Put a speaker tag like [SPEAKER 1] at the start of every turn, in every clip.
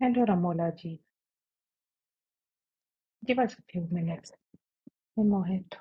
[SPEAKER 1] Hello, Ramolaji. Give us a few minutes. Hey, Mohit.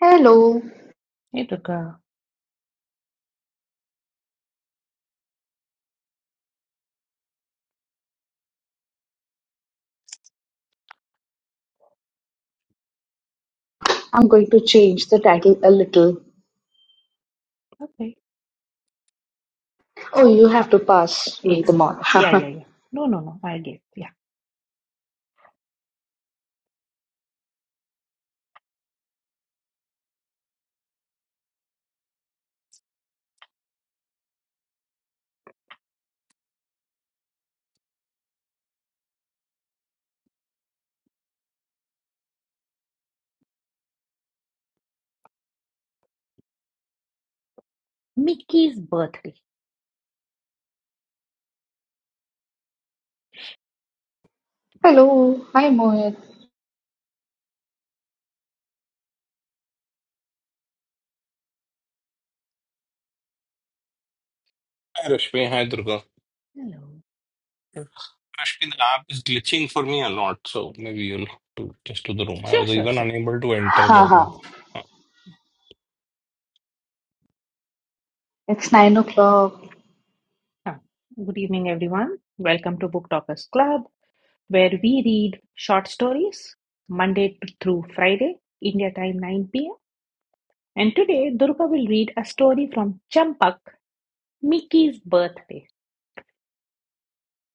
[SPEAKER 2] Hello.
[SPEAKER 1] Hey, Durga.
[SPEAKER 2] I'm going to change the title a little.
[SPEAKER 1] Okay.
[SPEAKER 2] Oh, you have
[SPEAKER 1] Ah,
[SPEAKER 2] to pass me
[SPEAKER 1] एक
[SPEAKER 2] the mod.
[SPEAKER 1] second. Yeah, yeah, yeah. No, no, no. I get. Yeah. Mickey's birthday.
[SPEAKER 2] Hello. Hi, Mohit.
[SPEAKER 3] Hi, Rashmi. Hi, Durga.
[SPEAKER 1] Hello.
[SPEAKER 3] Rashmi, the app is glitching for me a lot, so maybe you'll have to just to the room. I
[SPEAKER 1] Sure,
[SPEAKER 3] was
[SPEAKER 1] sure,
[SPEAKER 3] even
[SPEAKER 1] sure.
[SPEAKER 3] unable to enter the room.
[SPEAKER 2] Haha.
[SPEAKER 3] Uh,
[SPEAKER 2] it's nine o'clock.
[SPEAKER 1] Ah, Good evening, everyone. Welcome to Book Talkers Club, where we read short stories Monday to- through Friday, India time 9 p.m. And today, Durga will read a story from Champak, Mickey's birthday.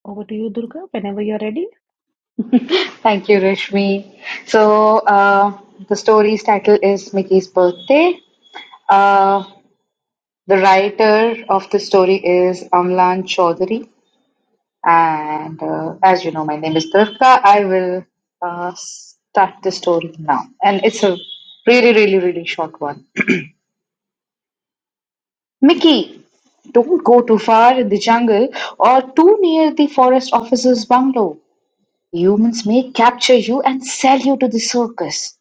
[SPEAKER 1] Over to you, Durga, whenever you're ready.
[SPEAKER 2] Thank you, Rashmi. So, uh, the story's title is Mickey's Birthday. Uh, the writer of the story is Amlan Chaudhary. And uh, as you know, my name is Durga. I will uh, start the story now. And it's a really, really, really short one. Mickey, don't go too far in the jungle or too near the forest officer's bungalow. Humans may capture you and sell you to the circus.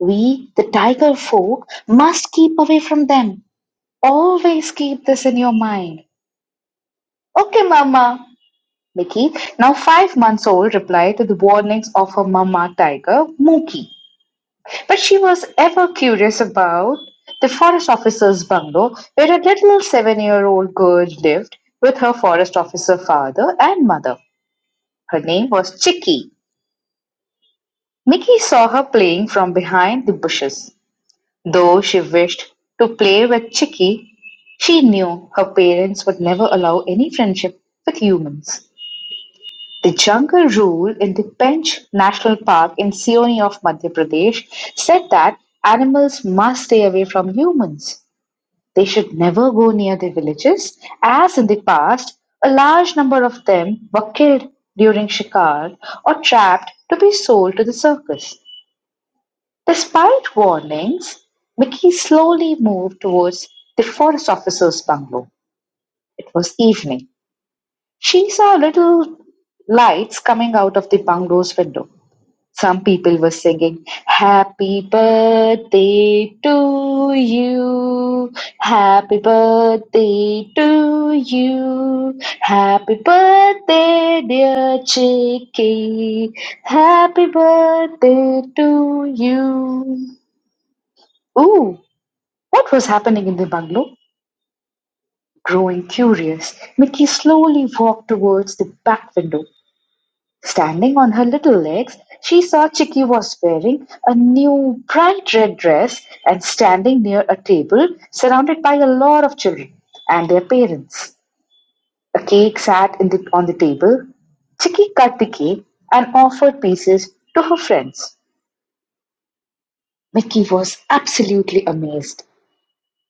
[SPEAKER 2] We, the tiger folk, must keep away from them. Always keep this in your mind. Okay, Mama. Mickey, now five months old, replied to the warnings of her Mama tiger, Mookie. But she was ever curious about the forest officer's bungalow, where a little seven-year-old girl lived with her forest officer father and mother. Her name was Chicky. Mickey saw her playing from behind the bushes. Though she wished to play with Chicky, she knew her parents would never allow any friendship with humans. The jungle rule in the Pench National Park in Sioni of Madhya Pradesh said that animals must stay away from humans. They should never go near their villages, as in the past, a large number of them were killed during shikar or trapped to be sold to the circus. Despite warnings, Mickey slowly moved towards the forest officer's bungalow. It was evening. She saw little lights coming out of the bungalow's window. Some people were singing, Happy birthday to you, happy birthday to you, happy birthday, dear Chicky, happy birthday to you. Ooh, what was happening in the bungalow? Growing curious, Mickey slowly walked towards the back window. Standing on her little legs, she saw Chicky was wearing a new bright red dress and standing near a table surrounded by a lot of children and their parents. A cake sat in the, on the table. Chicky cut the cake and offered pieces to her friends. Mickey was absolutely amazed.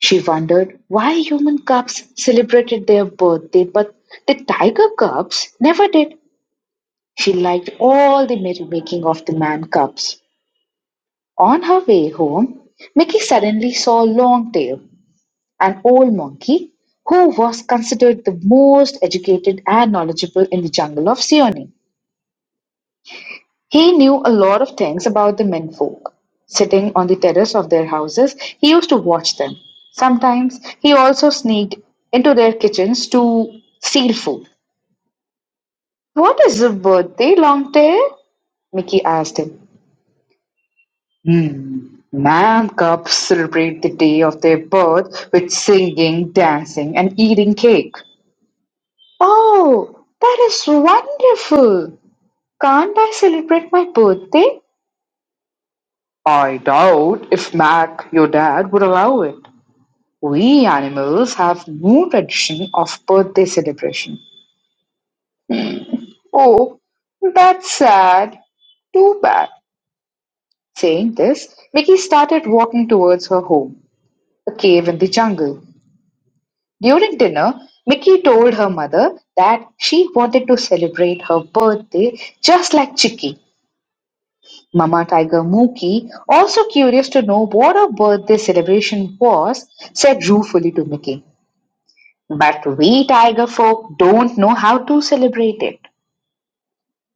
[SPEAKER 2] She wondered why human cubs celebrated their birthday, but the tiger cubs never did. She liked all the merrymaking of the man cubs. On her way home, Mickey suddenly saw Longtail, an old monkey who was considered the most educated and knowledgeable in the jungle of Seoni. He knew a lot of things about the men folk. Sitting on the terrace of their houses, he used to watch them. Sometimes he also sneaked into their kitchens to steal food. What is a birthday, Longtail? Mickey asked him. Hmm. Man-cubs celebrate the day of their birth with singing, dancing, and eating cake. Oh, that is wonderful. Can't I celebrate my birthday? I doubt if Mac, your dad, would allow it. We animals have no tradition of birthday celebration. Oh, that's sad. Too bad. Saying this, Vicky started walking towards her home, a cave in the jungle. During dinner, Mickey told her mother that she wanted to celebrate her birthday just like Chicky. Mama Tiger Mookie, also curious to know what her birthday celebration was, said ruefully to Mickey, But we tiger folk don't know how to celebrate it.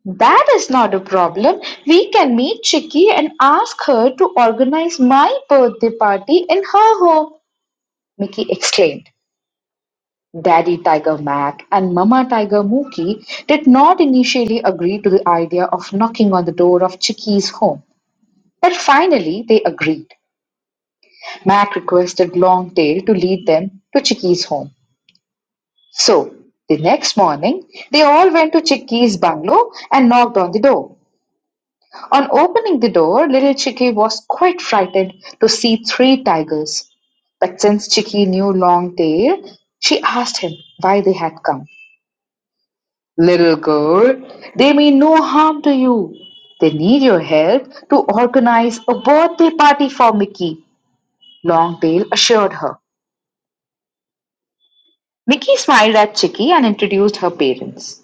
[SPEAKER 2] That is not a problem. We can meet Chicky and ask her to organize my birthday party in her home, Mickey exclaimed. Daddy Tiger Mac and Mama Tiger Mookie did not initially agree to the idea of knocking on the door of Chicky's home, but finally they agreed. Mac requested Longtail to lead them to Chicky's home. So, the next morning, they all went to Chicky's bungalow and knocked on the door. On opening the door, little Chicky was quite frightened to see three tigers. But since Chicky knew Longtail, she asked him why they had come. Little girl, they mean no harm to you. They need your help to organize a birthday party for Mickey, Longtail assured her. Mickey smiled at Chicky and introduced her parents.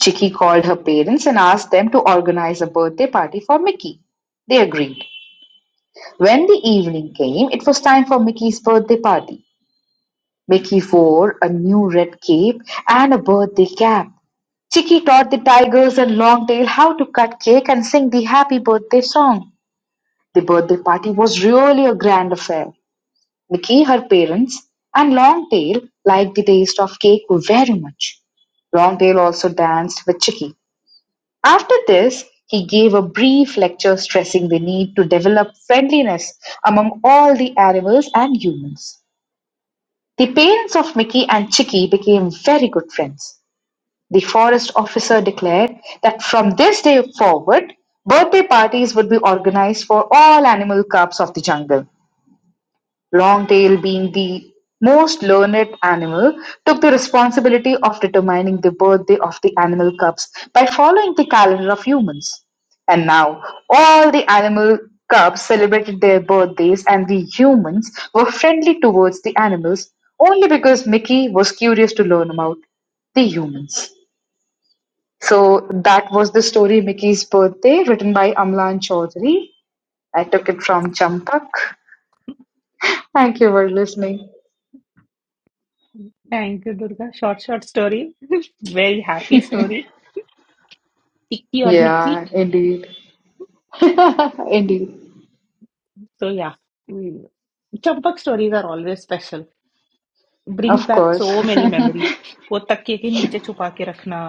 [SPEAKER 2] Chicky called her parents and asked them to organize a birthday party for Mickey. They agreed. When the evening came, it was time for Mickey's birthday party. Mickey wore a new red cape and a birthday cap. Chicky taught the tigers and Longtail how to cut cake and sing the happy birthday song. The birthday party was really a grand affair. Mickey, her parents, and Longtail liked the taste of cake very much. Longtail also danced with Chicky. After this, he gave a brief lecture stressing the need to develop friendliness among all the animals and humans. The parents of Mickey and Chicky became very good friends. The forest officer declared that from this day forward, birthday parties would be organized for all animal cubs of the jungle. Longtail, being the most learned animal, took the responsibility of determining the birthday of the animal cubs by following the calendar of humans. And now, all the animal cubs celebrated their birthdays, and the humans were friendly towards the animals only because Mickey was curious to learn about the humans. So that was the story Mickey's Birthday, written by Amlan Chaudhary. I took it from Champak. Thank you for listening.
[SPEAKER 1] Thank you, Durga. Short, short story. Very happy story. Tikki or
[SPEAKER 2] Yeah,
[SPEAKER 1] Mickey.
[SPEAKER 2] indeed. indeed.
[SPEAKER 1] So yeah, Mm. Champak stories are always special. Brings
[SPEAKER 2] Of
[SPEAKER 1] back
[SPEAKER 2] course.
[SPEAKER 1] so many memory. वो तकिए के नीचे छुपा के रखना,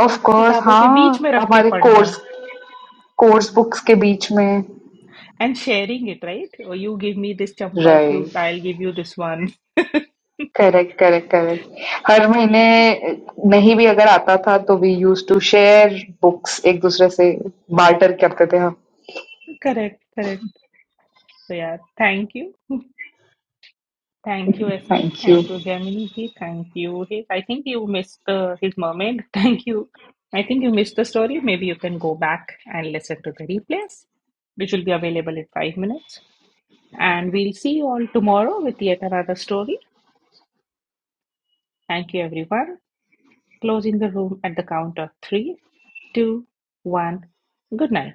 [SPEAKER 2] Of course,
[SPEAKER 1] किताबों के बीच में
[SPEAKER 2] हाँ
[SPEAKER 1] रख के
[SPEAKER 2] हमारे
[SPEAKER 1] पढ़ना,
[SPEAKER 2] कोर्स कोर्स बुक्स के बीच में
[SPEAKER 1] and sharing it, right? Oh, you give me this Champak, you
[SPEAKER 2] right
[SPEAKER 1] I'll give you this one.
[SPEAKER 2] Correct correct correct हर महीने नहीं भी अगर आता था तो we use to share books एक दूसरे से बार्टर करते थे हम
[SPEAKER 1] Correct, correct. So yeah, thank you. Thank you, SK.
[SPEAKER 2] Thank you
[SPEAKER 1] Thank you, Gemini ji. Thank you, Hiz. I think you missed the his mermaid. Thank you. I think you missed the story. Maybe you can go back and listen to the replays, which will be available in five minutes. And we'll see you all tomorrow with yet another story. Thank you, everyone. Closing the room at the count of three, two, one. Good night.